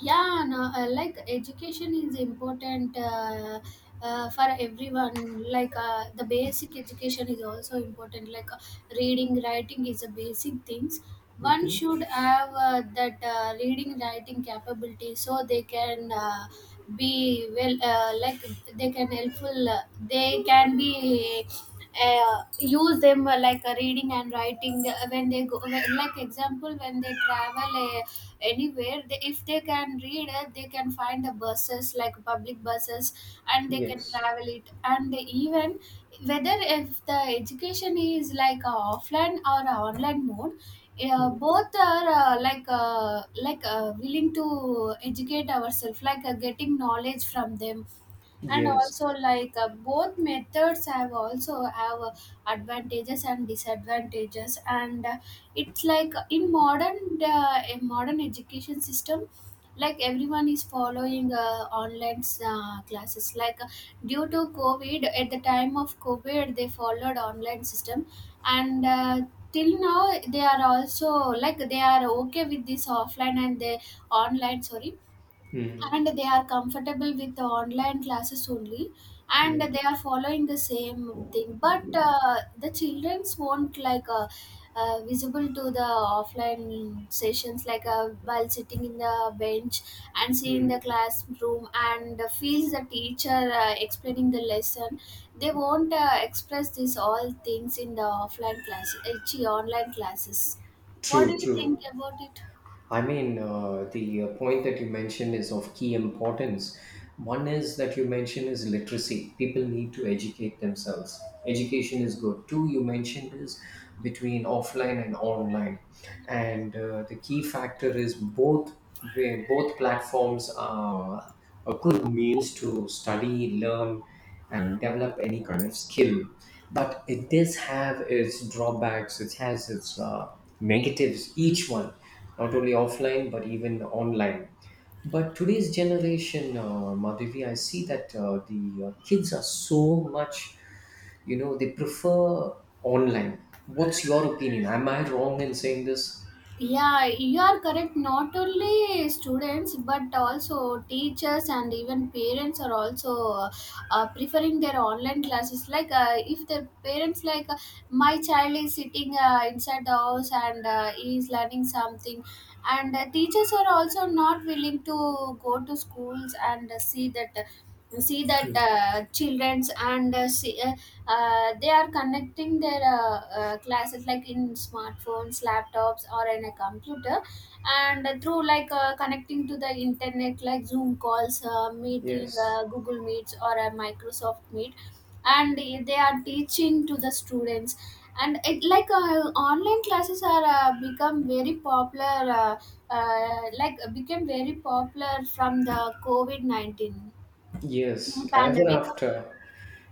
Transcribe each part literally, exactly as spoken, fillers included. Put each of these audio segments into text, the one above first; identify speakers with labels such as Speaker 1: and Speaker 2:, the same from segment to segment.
Speaker 1: Yeah, no, uh, like education is important, uh, uh, for everyone. Like, uh, the basic education is also important. Like, uh, reading writing is a basic things. One
Speaker 2: Mhm.
Speaker 1: should have uh, that, uh, reading writing capability, so they can uh, be well, uh, like, they can helpful, uh, they can be, uh, use them, uh, like, uh, reading and writing, uh, when they go when, like example when they travel uh, anywhere. They, if they can read it, they can find the buses, like public buses, and they can
Speaker 2: Yes.
Speaker 1: travel it. And even whether if the education is like a offline or a online mode, yeah,
Speaker 2: Mm.
Speaker 1: both are, uh, like, uh, like uh, willing to educate ourselves, like, uh, getting knowledge from them. And
Speaker 2: Yes.
Speaker 1: also, like, uh, both methods have also have uh, advantages and disadvantages. And uh, it's like, uh, in modern uh, a modern education system, like, everyone is following uh, online uh, classes. Like, uh, due to COVID, at the time of COVID they followed online system. And uh, till now they are also, like, they are okay with this offline and they online sorry.
Speaker 2: Mm.
Speaker 1: And they are comfortable with the online classes only, and
Speaker 2: Yeah.
Speaker 1: they are following the same thing. But uh, the childrens won't like, uh, uh, visible to the offline sessions, like, uh, while sitting in the bench and seeing the
Speaker 2: Mm.
Speaker 1: classroom and feels the teacher uh, explaining the lesson. They won't uh, express these all things in the offline classes, uh, chi- online classes. What do
Speaker 2: True,
Speaker 1: you think
Speaker 2: true.
Speaker 1: about it?
Speaker 2: I mean, uh, the uh, point that you mentioned is of key importance. One is that you mentioned is literacy. People need to educate themselves. Education is good. Two, you mentioned is between offline and online, and uh, the key factor is both where both platforms are. A good means to study, learn, and develop any kind of skill. But it does have its drawbacks, it has its uh, negatives, each one, not only offline but even online. But today's generation, uh, Madhavi, I see that uh, the uh, kids are so much, you know, they prefer online. What's your opinion? Am I wrong in saying this?
Speaker 1: Yeah, you are correct. Not only students, but also teachers and even parents are also uh, preferring their online classes. Like, uh, if their parents, like, uh, my child is sitting uh, inside the house, and uh, he is learning something. And uh, teachers are also not willing to go to schools and uh, see that see that
Speaker 2: Hmm.
Speaker 1: uh, childrens, and uh, see, uh, uh, they are connecting their uh, uh, classes, like in smartphones, laptops, or in a computer, and through, like, uh, connecting to the internet, like Zoom calls, uh, meeting,
Speaker 2: Yes.
Speaker 1: uh, Google Meets, or a Microsoft Meet, and they are teaching to the students. And it, like, uh, online classes are uh, become very popular, uh, uh, like became very popular from the COVID nineteen
Speaker 2: Yes, ever
Speaker 1: pandemic.
Speaker 2: after.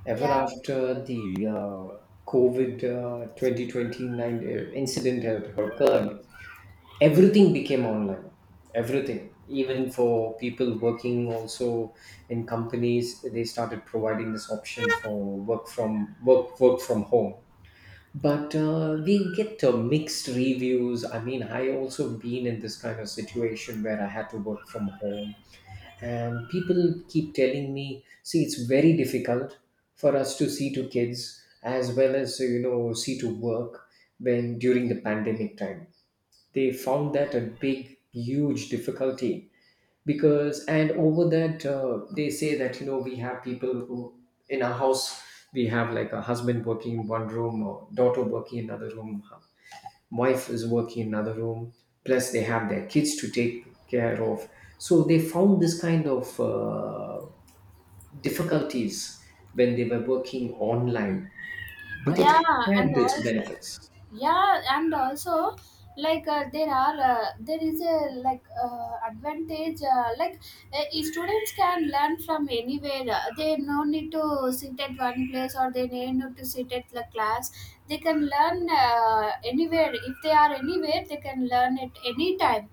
Speaker 2: ever
Speaker 1: Yeah,
Speaker 2: after the uh, COVID uh, twenty twenty-nine incident had occurred, everything became online. Everything, even for people working also in companies, they started providing this option for work from work work from home. But uh, we get uh, mixed reviews. I mean, I also been in this kind of situation where I had to work from home, and people keep telling me see it's very difficult for us to see to kids as well as uh, you know see to work when during the pandemic time. They found that a big huge difficulty because and over that uh, they say that you know we have people who in our house we have like a husband working in one room or daughter working in another room, wife is working in another room, plus they have their kids to take care of. So they found this kind of uh, difficulties when they were working online, but it right
Speaker 1: yeah, and
Speaker 2: had its
Speaker 1: also,
Speaker 2: benefits.
Speaker 1: yeah, and also, like, uh, there are uh, there is a, like, uh, advantage, uh, like, uh, e, students can learn from anywhere. Uh, they no need to sit at one place, or they no need to sit at the class. They can learn uh, anywhere. If they are anywhere, they can learn at any time.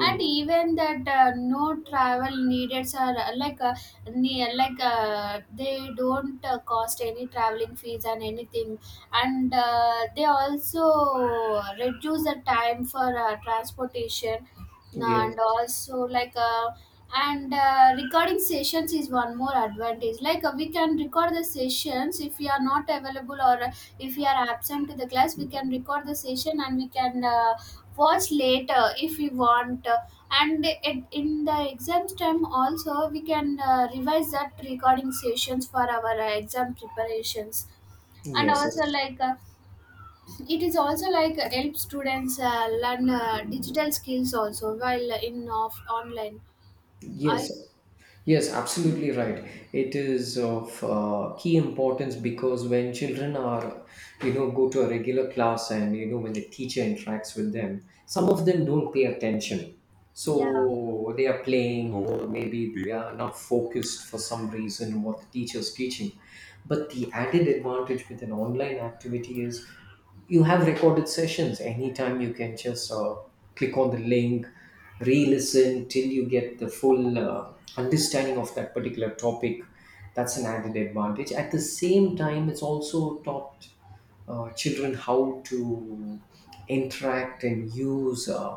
Speaker 1: And even that, uh, no travel needed, are uh, like, uh, ne- like uh, they don't uh, cost any traveling fees and anything. And uh, they also reduce the time for uh, transportation. And
Speaker 2: yes.
Speaker 1: also, like, uh, and uh, recording sessions is one more advantage. Like, uh, we can record the sessions if we are not available, or uh, if we are absent to the class, we can record the session and we can uh, watch later if we want. Uh, and it, in the exam time also, we can uh, revise that recording sessions for our uh, exam preparations. And
Speaker 2: Yes.
Speaker 1: also, like, uh, it is also, like, uh, help students uh, learn uh, digital skills also while uh, in off online i.
Speaker 2: Yes. Yes, absolutely right. It is of uh, key importance because when children are, you know, go to a regular class and, you know, when the teacher interacts with them, some of them don't pay attention.
Speaker 1: Yeah,
Speaker 2: So they are playing or maybe they are not focused for some reason what the teacher is teaching. But the added advantage with an online activity is you have recorded sessions. Anytime you can just uh, click on the link, re listen till you get the full uh, understanding of that particular topic. That's an added advantage. At the same time, it's also taught uh, children how to interact and use uh,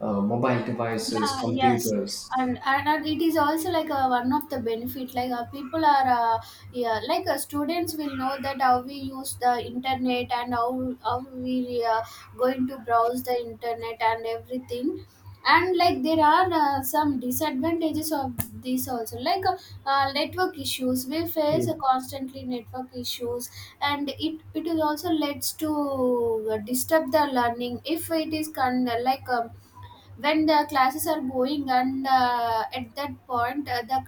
Speaker 2: uh, mobile devices,
Speaker 1: yeah, yes.
Speaker 2: computers.
Speaker 1: And and and it is also like a, one of the benefit. Like, uh, people are, uh, yeah, like, uh, students will know that how we use the internet, and how how we uh, going to browse the internet and everything. And like, there are uh, some disadvantages of this also. Like, uh, uh, network issues we face,
Speaker 2: Mm.
Speaker 1: uh, constantly network issues. And it it is also leads to uh, disturb the learning if it is con- like um, when the classes are going, and uh, at that point uh, the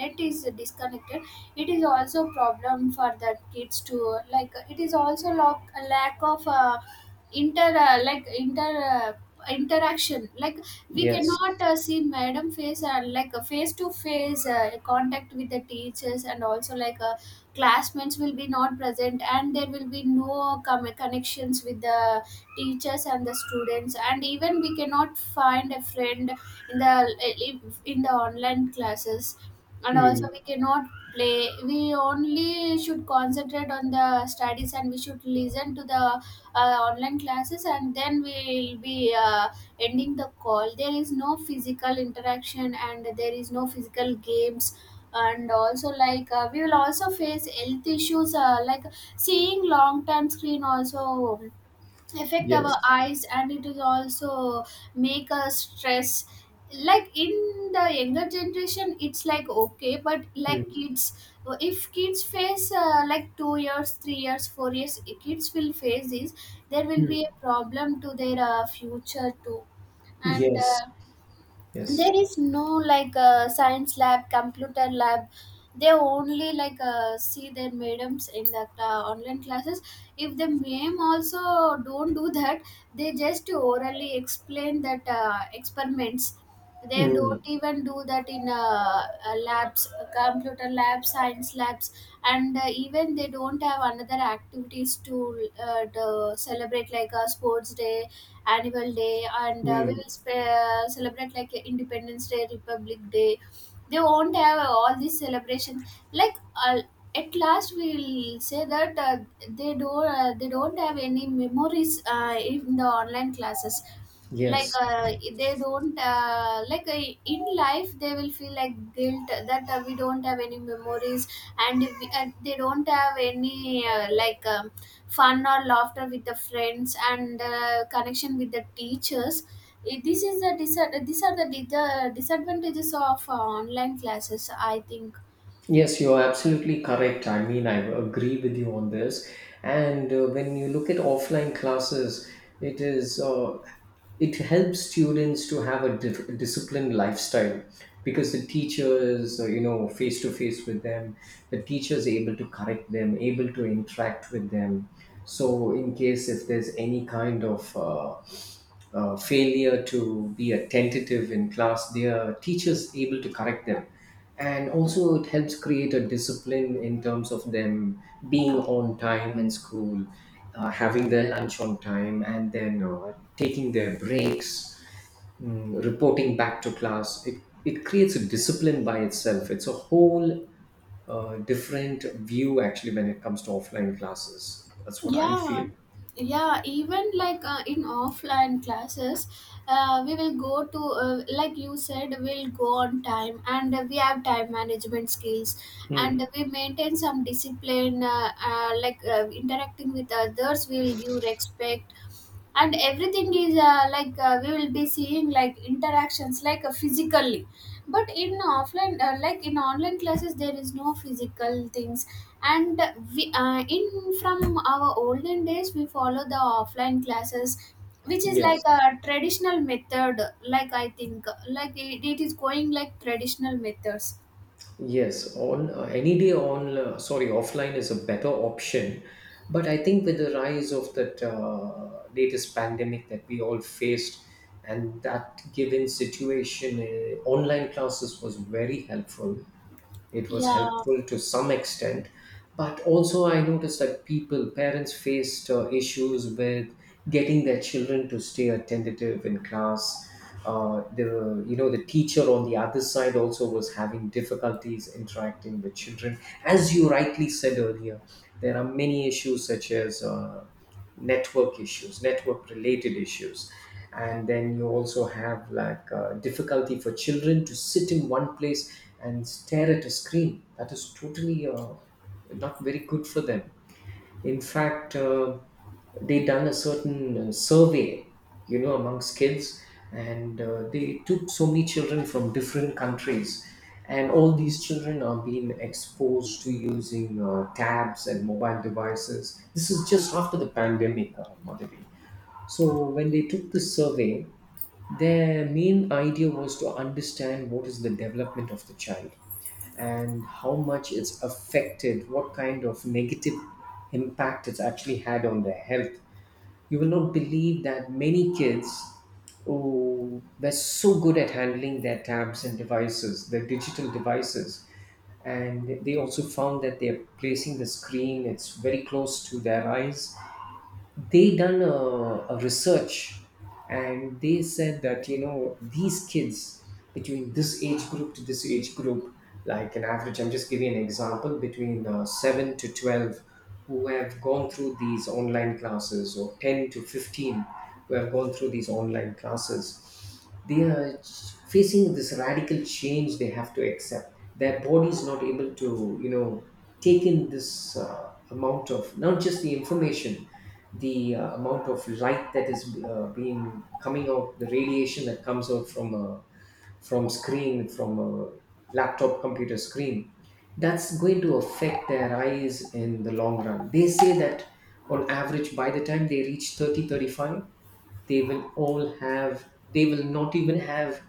Speaker 1: net is disconnected, it is also problem for that kids to, like, it is also lack, a lack of uh, inter uh, like inter uh, interaction. Like, we
Speaker 2: Yes.
Speaker 1: cannot uh, see madam face, uh, like a face to face contact with the teachers. And also, like, uh, classmates will be not present, and there will be no com- connections with the teachers and the students. And even we cannot find a friend in the uh, in the online classes. And also
Speaker 2: Mm.
Speaker 1: we cannot play. We only should concentrate on the studies, and we should listen to the uh, online classes, and then we'll be uh, ending the call. There is no physical interaction, and there is no physical games. And also, like, uh, we will also face health issues, uh, like seeing long time screen also affect our
Speaker 2: Yes.
Speaker 1: eyes, and it will also make us stress. Like, in the younger generation it's like okay, but like
Speaker 2: Mm.
Speaker 1: kids, if kids face uh, like two years three years four years kids will face this, there will
Speaker 2: Mm.
Speaker 1: be a problem to their uh, future too. And
Speaker 2: Yes.
Speaker 1: uh,
Speaker 2: Yes.
Speaker 1: there is no, like, uh, science lab, computer lab. They only, like, uh, see their madams in that uh, online classes. If the ma'am also don't do that, they just orally explain that uh, experiments. They
Speaker 2: Mm,
Speaker 1: don't even do that in uh, uh, labs, uh, computer labs, science labs. And uh, even they don't have another activities to, uh, to celebrate like a sports day, annual day. And uh, we
Speaker 2: mm,
Speaker 1: will sp- uh, celebrate like independence day, republic day. They won't have all these celebrations, like, uh, at last we'll say that, uh, they don't uh, they don't have any memories uh, in the online classes. Like,
Speaker 2: yes.
Speaker 1: uh, they don't uh, like, uh, in life they will feel like guilt that, uh, we don't have any memories. And, if we, and they don't have any, uh, like, uh, fun or laughter with the friends, and uh, connection with the teachers. Eh, this is the dis- these are the, di- the disadvantages of uh, online classes, I think.
Speaker 2: Yes, you're absolutely correct. I mean, I agree with you on this. And uh, when you look at offline classes, it is uh, it helps students to have a dif- disciplined lifestyle because the teacher is uh, you know face to face with them. The teacher is able to correct them, able to interact with them. So, in case if there's any kind of uh, uh, failure to be attentive in class, their teachers able to correct them. And also, it helps create a discipline in terms of them being on time in school, uh, having their lunch on time, and then uh, taking their breaks, mm, reporting back to class. It, it creates a discipline by itself. It's a whole uh, different view actually when it comes to offline classes. That's what I feel.
Speaker 1: Yeah, yeah, even like, uh, in offline classes uh, we will go to, uh, like you said, we'll go on time, and uh, we have time management skills. And
Speaker 2: Mm.
Speaker 1: we maintain some discipline, uh, uh, like, uh, interacting with others, we will give respect. And everything is, uh, like, uh, we will be seeing like interactions, like, uh, physically. But in offline, uh, like, in online classes there is no physical things. And we uh, in from our olden days we follow the offline classes, which is like
Speaker 2: Yes.
Speaker 1: a traditional method. Like, I think like it, it is going like traditional methods.
Speaker 2: Yes, on uh, any day on uh, sorry offline is a better option, but I think with the rise of that uh, latest pandemic that we all faced, and that given situation, uh, online classes was very helpful. It was
Speaker 1: Yeah,
Speaker 2: helpful to some extent, but also I noticed that people, parents faced uh, issues with getting their children to stay attentive in class. Uh, the you know the teacher on the other side also was having difficulties interacting with children. As you rightly said earlier, there are many issues such as uh, network issues, network related issues. And then you also have like uh, difficulty for children to sit in one place and stare at a screen. That is totally uh, not very good for them. In fact, uh, they done a certain uh, survey, you know, amongst kids, and uh, they took so many children from different countries, and all these children are being exposed to using uh, tabs and mobile devices. This is just after the pandemic, uh, Madhavi. So when they took the survey, their main idea was to understand what is the development of the child and how much it's affected, what kind of negative impact it's actually had on their health. You will not believe that many kids who were so good at handling their tabs and devices, their digital devices, and they also found that they're placing the screen, it's very close to their eyes. They done a, a research, and they said that you know these kids between this age group to this age group, like an average, I'm just giving an example between uh, seven to twelve who have gone through these online classes or ten to fifteen who have gone through these online classes, they are facing this radical change. They have to accept their body is not able to you know take in this uh, amount of not just the information, the uh, amount of light that is uh, being coming out, the radiation that comes out from a, from screen, from a laptop computer screen, that's going to affect their eyes in the long run. They say that on average by the time they reach thirty, thirty-five, they will all have, they will not even have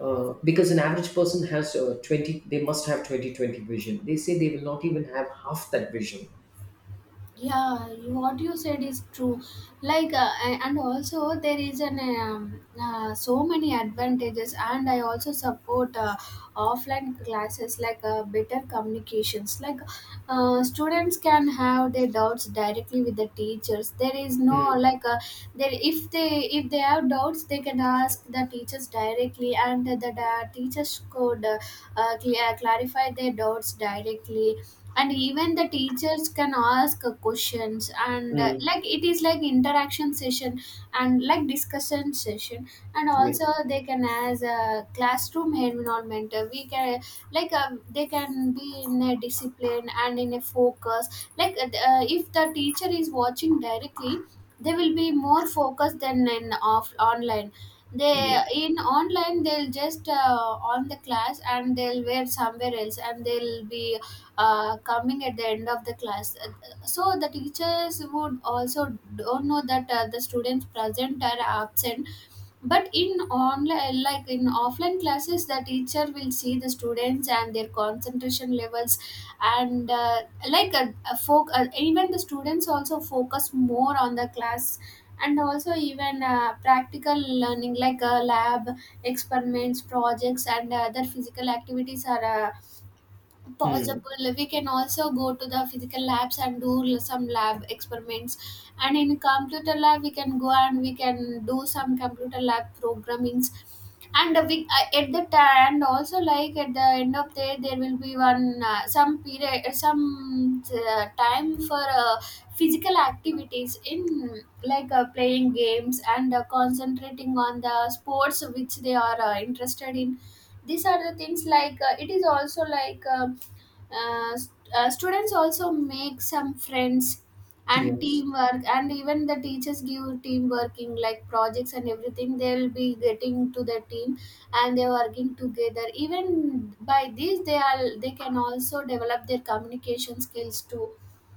Speaker 2: uh, because an average person has uh, twenty, they must have twenty twenty vision, they say they will not even have half that vision.
Speaker 1: yeah, you- what you said is true. Like, uh, a- and also there is an um, uh, so many advantages. And I also support uh, offline classes, like, uh, better communications. Like, uh, students can have their doubts directly with the teachers. There is no
Speaker 2: Mm,
Speaker 1: like, uh, there, if they if they have doubts, they can ask the teachers directly, and the, the teachers could uh, uh, clear, clarify their doubts directly. And even the teachers can ask uh, questions. And uh,
Speaker 2: mm,
Speaker 1: like, it is like interaction session and like discussion session. And also,
Speaker 2: yes.
Speaker 1: they can as a classroom environment, uh, we can, like, um, they can be in a discipline and in a focus, like, uh, if the teacher is watching directly, they will be more focused than in off online. They,
Speaker 2: Yes.
Speaker 1: in online they'll just uh, on the class and they'll wear somewhere else, and they'll be uh, coming at the end of the class. Uh, so the teachers would also don't know that, uh, the students present are absent. But in online, like in offline classes, the teacher will see the students and their concentration levels. And uh, like a, a folk uh, even the students also focus more on the class. And also, even uh, practical learning, like, uh, lab experiments, projects, and other physical activities are uh,
Speaker 2: Mm,
Speaker 1: possible. We can also go to the physical labs and do l- some lab experiments. And in computer lab we can go, and we can do some computer lab programmings. And we uh, at the time, and also like at the end of the day, there will be one, uh, some period, uh, some uh, time for uh, physical activities in, like, uh, playing games, and uh, concentrating on the sports which they are uh, interested in. These are the things, like, uh, it is also, like, uh, uh, st- uh, students also make some friends, and
Speaker 2: yes.
Speaker 1: teamwork. And even the teachers give team working like projects and everything. They'll be getting to the team, and they're working together. Even by this they are, they can also develop their communication skills too.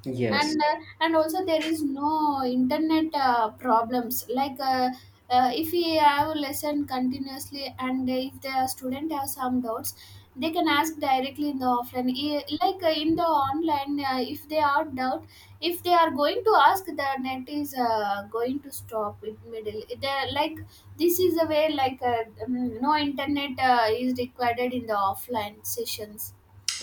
Speaker 2: Yes.
Speaker 1: And uh, and also, there is no internet uh, problems. Like, uh, uh, if we have lesson continuously, and if the student have some doubts, they can ask directly in The offline E- like uh, in the online, uh, if they are doubt, if they are going to ask, the net is uh, going to stop in middle, they like this is the way like uh, um, no internet uh, is required in the offline sessions.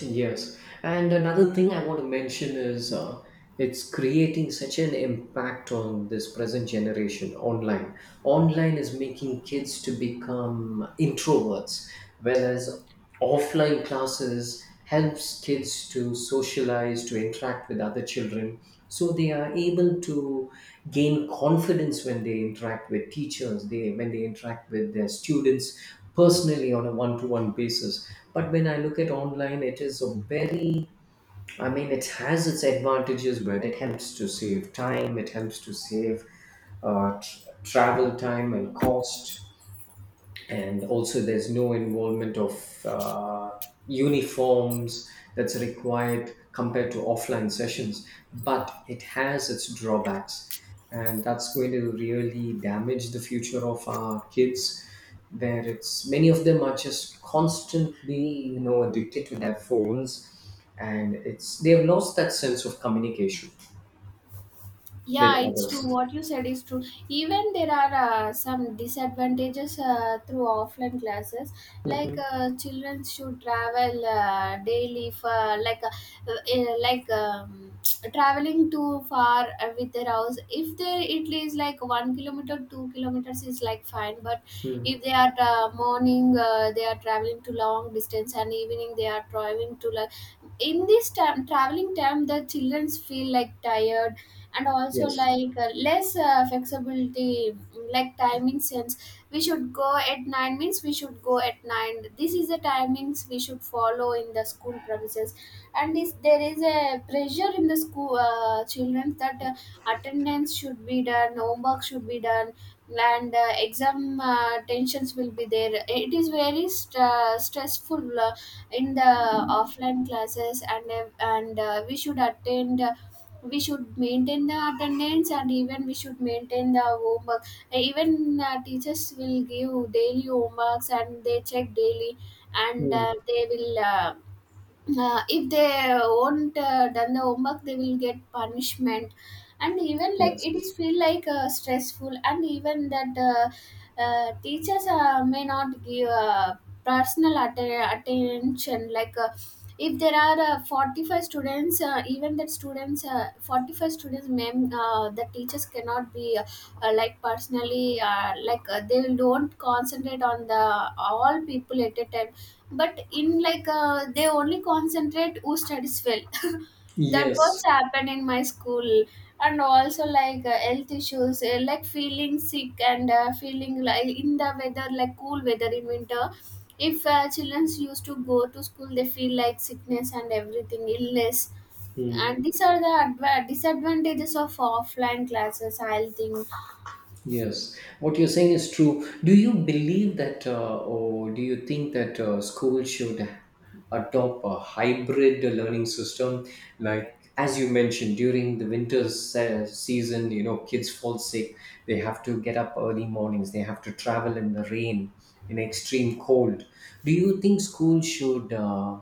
Speaker 2: Yes. And another thing I want to mention is uh, it's creating such an impact on this present generation online. Online is making kids to become introverts, whereas offline classes helps kids to socialize, to interact with other children. So they are able to gain confidence when they interact with teachers, they when they interact with their students personally on a one-to-one basis. But when I look at online, it is a very, I mean, it has its advantages, but it helps to save time, it helps to save uh, tr travel time and cost. And also there's no involvement of uh, uniforms that's required compared to offline sessions. But it has its drawbacks, and that's going to really damage the future of our kids where it's many of them are just constantly you know addicted to their phones, and it's they have lost that sense of communication with
Speaker 1: Yeah, it's true.
Speaker 2: others.
Speaker 1: What you said is true. Even there are uh, some disadvantages uh, through offline classes. Like
Speaker 2: Mhm.
Speaker 1: uh, children should travel uh, daily for like uh, uh, eh, like um, traveling too far uh, with their house. If they it is like one kilometer, two kilometers is like fine. But if
Speaker 2: Mm.
Speaker 1: they are uh, morning, uh, they are traveling to long distance, and evening they are traveling to like, in this time traveling time the childrens feel like tired, and also
Speaker 2: Yes.
Speaker 1: like uh, less uh, flexibility, like timing sense. We should go at nine means we should go at nine. This is the timings we should follow in the school premises. And is there is a pressure in the school uh, children, that uh, attendance should be done, homework should be done, and uh, exam uh, tensions will be there. It is very st- uh, stressful, uh, in the offline classes. And uh, and uh, we should attend, uh, we should maintain the attendance, and even we should maintain the homework. Even uh, teachers will give daily homeworks and they check daily, and uh,
Speaker 2: Mm.
Speaker 1: they will, uh, uh, if they won't uh, done the homework they will get punishment. And even like it
Speaker 2: Yes.
Speaker 1: is feel like uh, stressful, and even that uh, uh, teachers uh, may not give uh, personal atten- attention. like uh, if there are uh, forty-five students, uh, even that students, uh, forty-five students, ma'am, uh, the teachers cannot be, uh, uh, like personally, uh, like uh, they don't concentrate on the all people at a time, but in like uh, they only concentrate who studies well. That what's
Speaker 2: Yes.
Speaker 1: happened in my school, and also like uh, health issues, uh, like feeling sick and uh, feeling like in the weather, like cool weather in winter. If uh, children used to go to school, they feel like sickness and everything, illness,
Speaker 2: Mm.
Speaker 1: and these are the adva- disadvantages of offline classes, I'll think.
Speaker 2: Yes, what you're saying is true. Do you believe that, uh, or do you think that uh, school should adopt a hybrid learning system? Like, as you mentioned, during the winter se- season, you know, kids fall sick, they have to get up early mornings, they have to travel in the rain in extreme cold. Do you think schools should uh,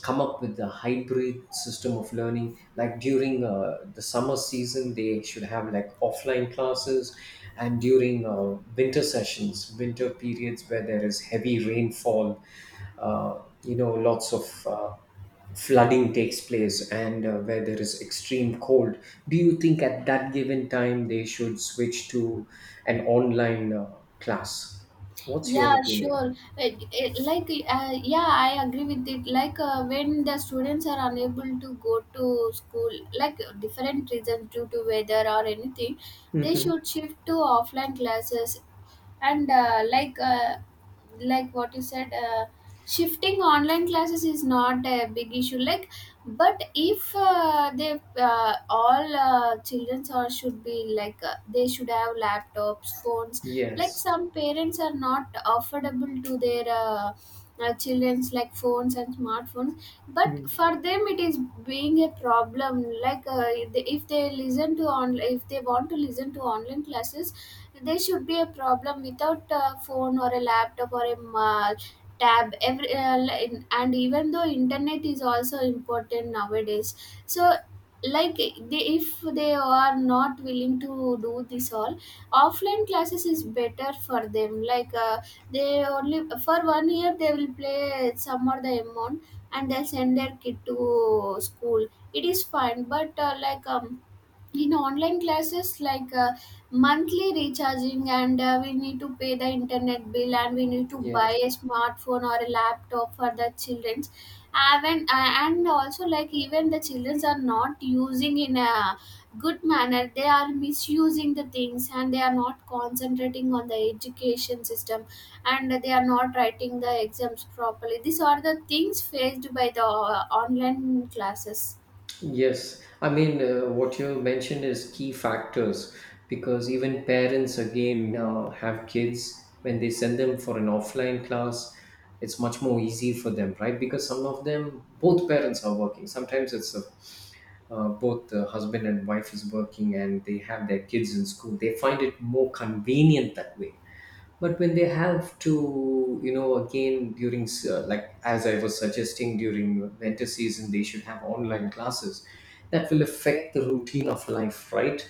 Speaker 2: come up with a hybrid system of learning? Like during uh, the summer season, they should have like offline classes, and during uh, winter sessions, winter periods where there is heavy rainfall, uh, you know, lots of uh, flooding takes place, and uh, where there is extreme cold, do you think at that given time they should switch to an online uh, class? What's
Speaker 1: Yeah,
Speaker 2: your opinion?
Speaker 1: sure. Uh, uh, like uh, yeah, I agree with it. like uh, when the students are unable to go to school, like different reasons due to weather or anything, they
Speaker 2: Hmm.
Speaker 1: should shift to offline classes. And uh, like uh, like what you said, uh, shifting online classes is not a big issue, like. But if uh, they uh, all uh, children or should be like uh, they should have laptops, phones. Like
Speaker 2: Yes.
Speaker 1: some parents are not affordable to their uh, uh, children's, like phones and smartphones, but
Speaker 2: Mm.
Speaker 1: for them it is being a problem. like uh, if they, if they listen to on, if they want to listen to online classes, there should be a problem without a phone or a laptop or a ma- tab. Every uh, li- and even though internet is also important nowadays. So, like they, if they are not willing to do this all, offline classes is better for them. like uh, they only, for one year they will play some or the amount and they'll send their kid to school. It is fine, but uh, like um in online classes, like uh, monthly recharging, and uh, we need to pay the internet bill, and we need to buy
Speaker 2: Yes,
Speaker 1: a smartphone or a laptop for the children. And, uh, and also, like even the children are not using in a good manner, they are misusing the things and they are not concentrating on the education system, and they are not writing the exams properly. These are the things faced by the uh, online classes.
Speaker 2: yes. I mean, uh, what you mentioned is key factors because even parents again uh, have kids when they send them for an offline class, it's much more easy for them, right? Because some of them, both parents are working. Sometimes it's a, uh, both the husband and wife is working, and they have their kids in school. They find it more convenient that way, but when they have to you know again during s- uh, like as I was suggesting during winter season they should have online classes, that will affect the routine of life, right?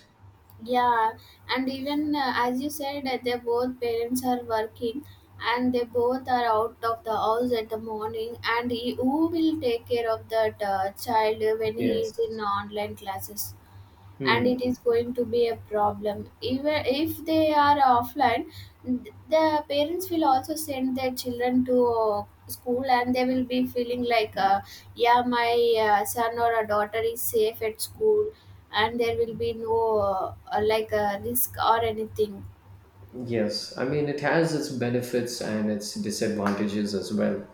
Speaker 1: Yeah, and even uh, as you said, that they both parents are working and they both are out of the house at the morning, and he, who will take care of that uh, child when he is in
Speaker 2: Yes.
Speaker 1: online classes? And
Speaker 2: Hmm.
Speaker 1: it is going to be a problem. Even if they are offline, th- the parents will also send their children to uh, school, and they will be feeling like, uh, yeah, my uh, son or a daughter is safe at school, and there will be no uh, uh, like a risk or anything.
Speaker 2: Yes, I mean, it has its benefits and its disadvantages as well.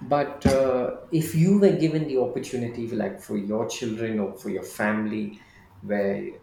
Speaker 2: But uh, if you were given the opportunity, like for your children or for your family, where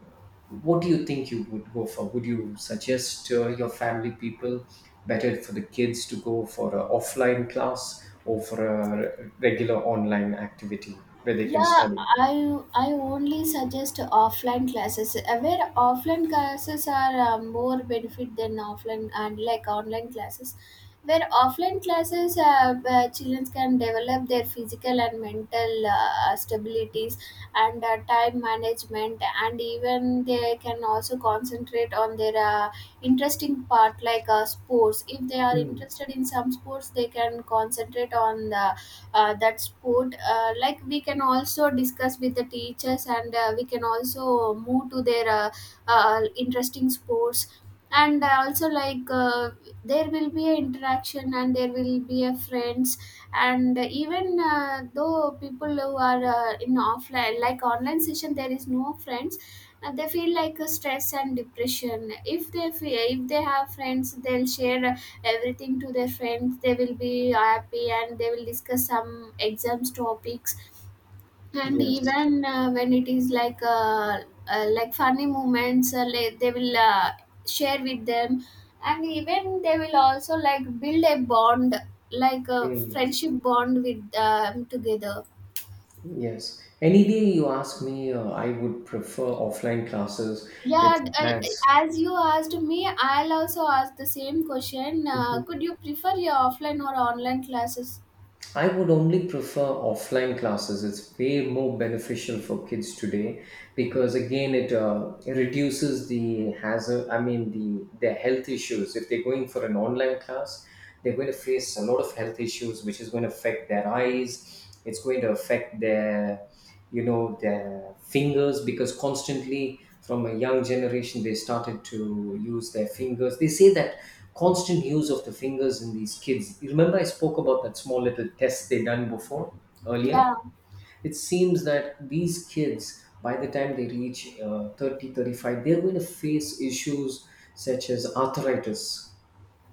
Speaker 2: what do you think you would go for? Would you suggest uh, your family people better for the kids to go for an offline class or for a re- regular online activity where they can
Speaker 1: Yeah,
Speaker 2: study?
Speaker 1: I I only suggest offline classes. uh, where offline classes are uh, more benefit than offline and like online classes. Where offline classes, uh, uh, children can develop their physical and mental uh, stabilities, and uh, time management, and even they can also concentrate on their uh, interesting part, like uh, sports. If they are
Speaker 2: Mm.
Speaker 1: interested in some sports, they can concentrate on the uh, that sport. Uh, like we can also discuss with the teachers, and uh, we can also move to their uh, uh, interesting sports. And also like uh, there will be an interaction and there will be a friends. And even uh, though people who are uh, in offline, like online session, there is no friends, and they feel like a stress and depression. If they feel, if they have friends, they'll share everything to their friends. They will be happy and they will discuss some exams topics. And
Speaker 2: Yes.
Speaker 1: even uh, when it is like uh, uh, like funny moments, uh, like they will uh, share with them. And even they will also like build a bond, like a
Speaker 2: Mm.
Speaker 1: friendship bond with um, together.
Speaker 2: Yes. Any day you ask me, uh, I would prefer offline classes. It
Speaker 1: Yeah, I,
Speaker 2: has.
Speaker 1: I- as you asked me, I'll also ask the same question. uh, could you prefer your offline or online classes?
Speaker 2: I would only prefer offline classes. It's way more beneficial for kids today because again, it uh, reduces the hazard. I mean, the their health issues. If they're going for an online class, they're going to face a lot of health issues, which is going to affect their eyes. It's going to affect their, you know, their fingers because constantly from a young generation they started to use their fingers. They say that constant use of the fingers in these kids. You remember I spoke about that small little test they done before earlier?
Speaker 1: Yeah.
Speaker 2: It seems that these kids, by the time they reach uh, thirty, thirty-five, they're going to face issues such as arthritis.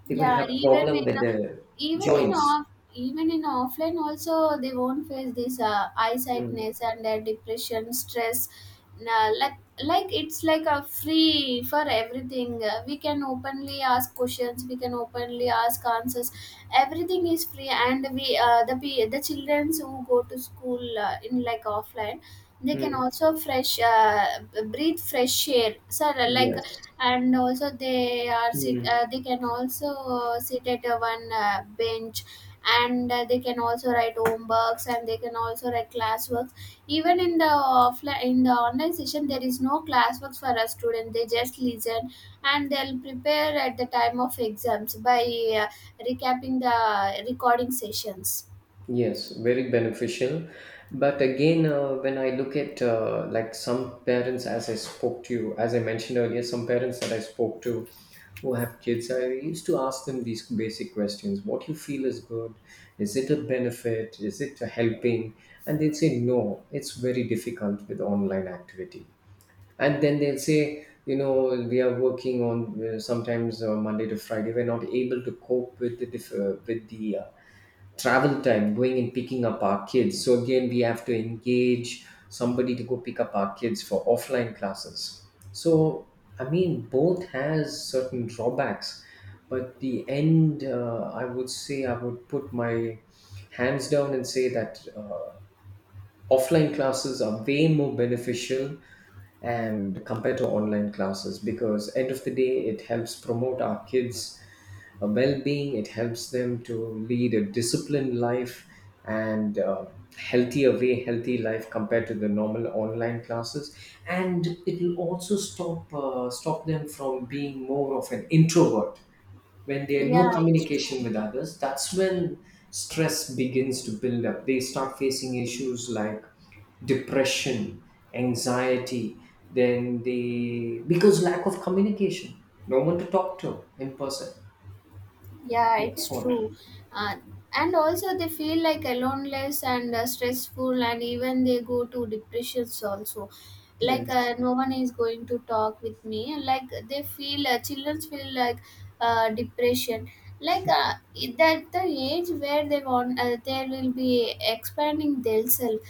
Speaker 2: They're going to
Speaker 1: Yeah,
Speaker 2: have
Speaker 1: even
Speaker 2: problem
Speaker 1: in
Speaker 2: with their
Speaker 1: even in
Speaker 2: joints.
Speaker 1: off even in offline also, they won't face this uh,
Speaker 2: Mm.
Speaker 1: eyesightness and their depression stress. Nah, like like it's like a free for everything. Uh, we can openly ask questions, we can openly ask answers. Everything is free, and we uh, the pe- the children who go to school uh, in like offline, they can
Speaker 2: Mm.
Speaker 1: also fresh uh, b- breathe fresh air. So like,
Speaker 2: Yes.
Speaker 1: and also they are sit uh,
Speaker 2: Mm.
Speaker 1: they can also uh, sit at uh, one uh, bench, and uh, they can also write homeworks and they can also write classworks. Even in the offline, in the online session there is no classworks for a student. They just listen, and they'll prepare at the time of exams by uh, recapping the recording sessions.
Speaker 2: Yes, very beneficial. But again, uh, when I look at uh, like some parents, as I spoke to you, as I mentioned earlier, some parents that I spoke to who have kids, I used to ask them these basic questions: What you feel is good? Is it a benefit? Is it a helping? And they'll say no. It's very difficult with online activity. And then they'll say, you know, we are working on uh, sometimes uh, Monday to Friday. We're not able to cope with the diff- uh, with the uh, travel time going and picking up our kids, so again we have to engage somebody to go pick up our kids for offline classes. So I mean both has certain drawbacks, but the end uh, I would say I would put my hands down and say that uh, offline classes are way more beneficial and compared to online classes because end of the day it helps promote our kids uh, well-being, it helps them to lead a disciplined life, and uh, healthier way healthy life compared to the normal online classes. And it will also stop uh, stop them from being more of an introvert. When there are no
Speaker 1: Yeah, it's
Speaker 2: communication
Speaker 1: true.
Speaker 2: with others, that's when stress begins to build up, they start facing issues like depression, anxiety, then they because lack of communication, no one to talk to in person,
Speaker 1: Yeah,
Speaker 2: that's
Speaker 1: it's
Speaker 2: what.
Speaker 1: true. Uh, and also they feel like aloneless and uh, stressful, and even they go to depressions also. Like
Speaker 2: Yes.
Speaker 1: uh, no one is going to talk with me, like they feel, uh, children feel like uh, depression. Like uh, it- that the age where they want, uh, they will be expanding themselves.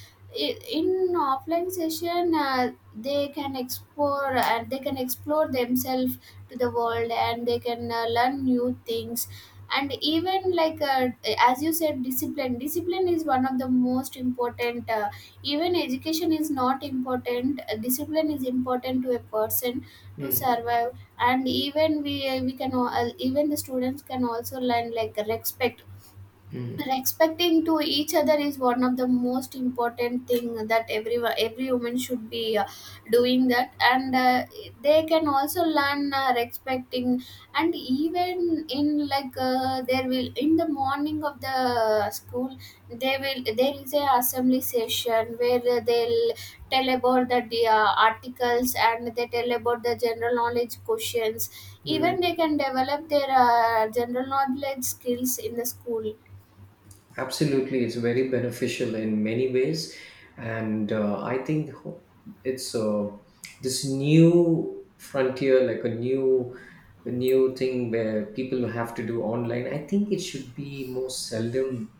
Speaker 1: I- In offline session, uh, they can explore, and they can explore themselves to the world, and they can uh, learn new things. And even like uh, as you said, discipline discipline is one of the most important, uh, even education is not important, uh, discipline is important to a person to
Speaker 2: Mm,
Speaker 1: survive. And even we uh, we can al- even the students can also learn like respect.
Speaker 2: mm,
Speaker 1: Respecting to each other is one of the most important thing, that every every woman should be uh, doing that. And uh, they can also learn uh, respecting. And even in like uh, there will, in the morning of the school, they will, there is a assembly session where they'll tell about the uh, articles, and they tell about the general knowledge questions.
Speaker 2: mm.
Speaker 1: Even they can develop their uh, general knowledge skills in the school.
Speaker 2: Absolutely, it's very beneficial in many ways, and uh, I think ho- it's uh, this new frontier, like a new, a new thing where people have to do online. I think it should be more seldom.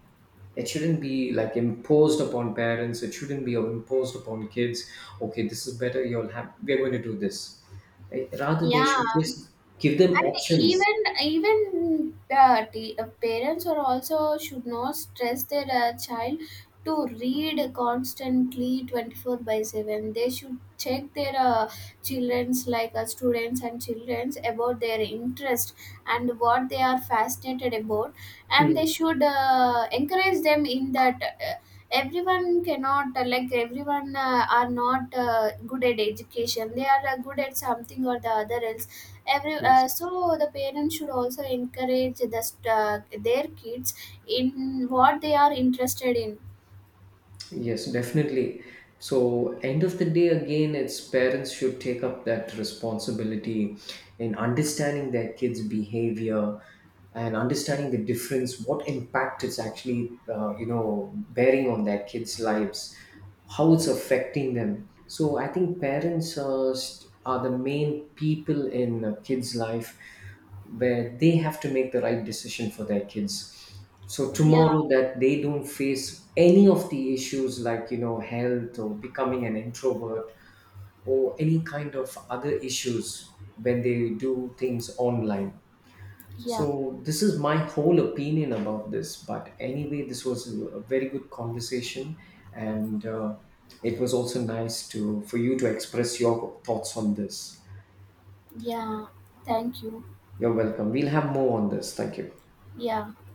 Speaker 2: It shouldn't be like imposed upon parents. It shouldn't be imposed upon kids. Okay, this is better. You'll have. We're going to do this. Right? Rather, they should
Speaker 1: Yeah,
Speaker 2: just give them
Speaker 1: and
Speaker 2: options.
Speaker 1: even, even the t- uh, parents are also should not stress their uh, child to read constantly twenty four by seven. They should check their uh, childrens, like uh, students and childrens, about their interest and what they are fascinated about, and
Speaker 2: Mm.
Speaker 1: they should uh, encourage them in that. Uh, everyone cannot uh, like everyone uh, are not uh, good at education, they are uh, good at something or the other else. Every uh,
Speaker 2: Yes.
Speaker 1: so the parents should also encourage the st- uh, their kids in what they are interested in.
Speaker 2: Yes, definitely. So, end of the day, again, it's parents should take up that responsibility in understanding their kids' behavior and understanding the difference, what impact it's actually, uh, you know, bearing on their kids' lives, how it's affecting them. So, I think parents uh, st- are the main people in a kid's life where they have to make the right decision for their kids, so
Speaker 1: Yeah.
Speaker 2: tomorrow that they don't face any of the issues like you know health or becoming an introvert or any kind of other issues when they do things online.
Speaker 1: Yeah.
Speaker 2: So this is my whole opinion about this, but anyway this was a a very good conversation, and uh, it was also nice to for you to express your thoughts on this.
Speaker 1: Yeah, thank you.
Speaker 2: You're welcome, we'll have more on this. Thank you.
Speaker 1: Yeah.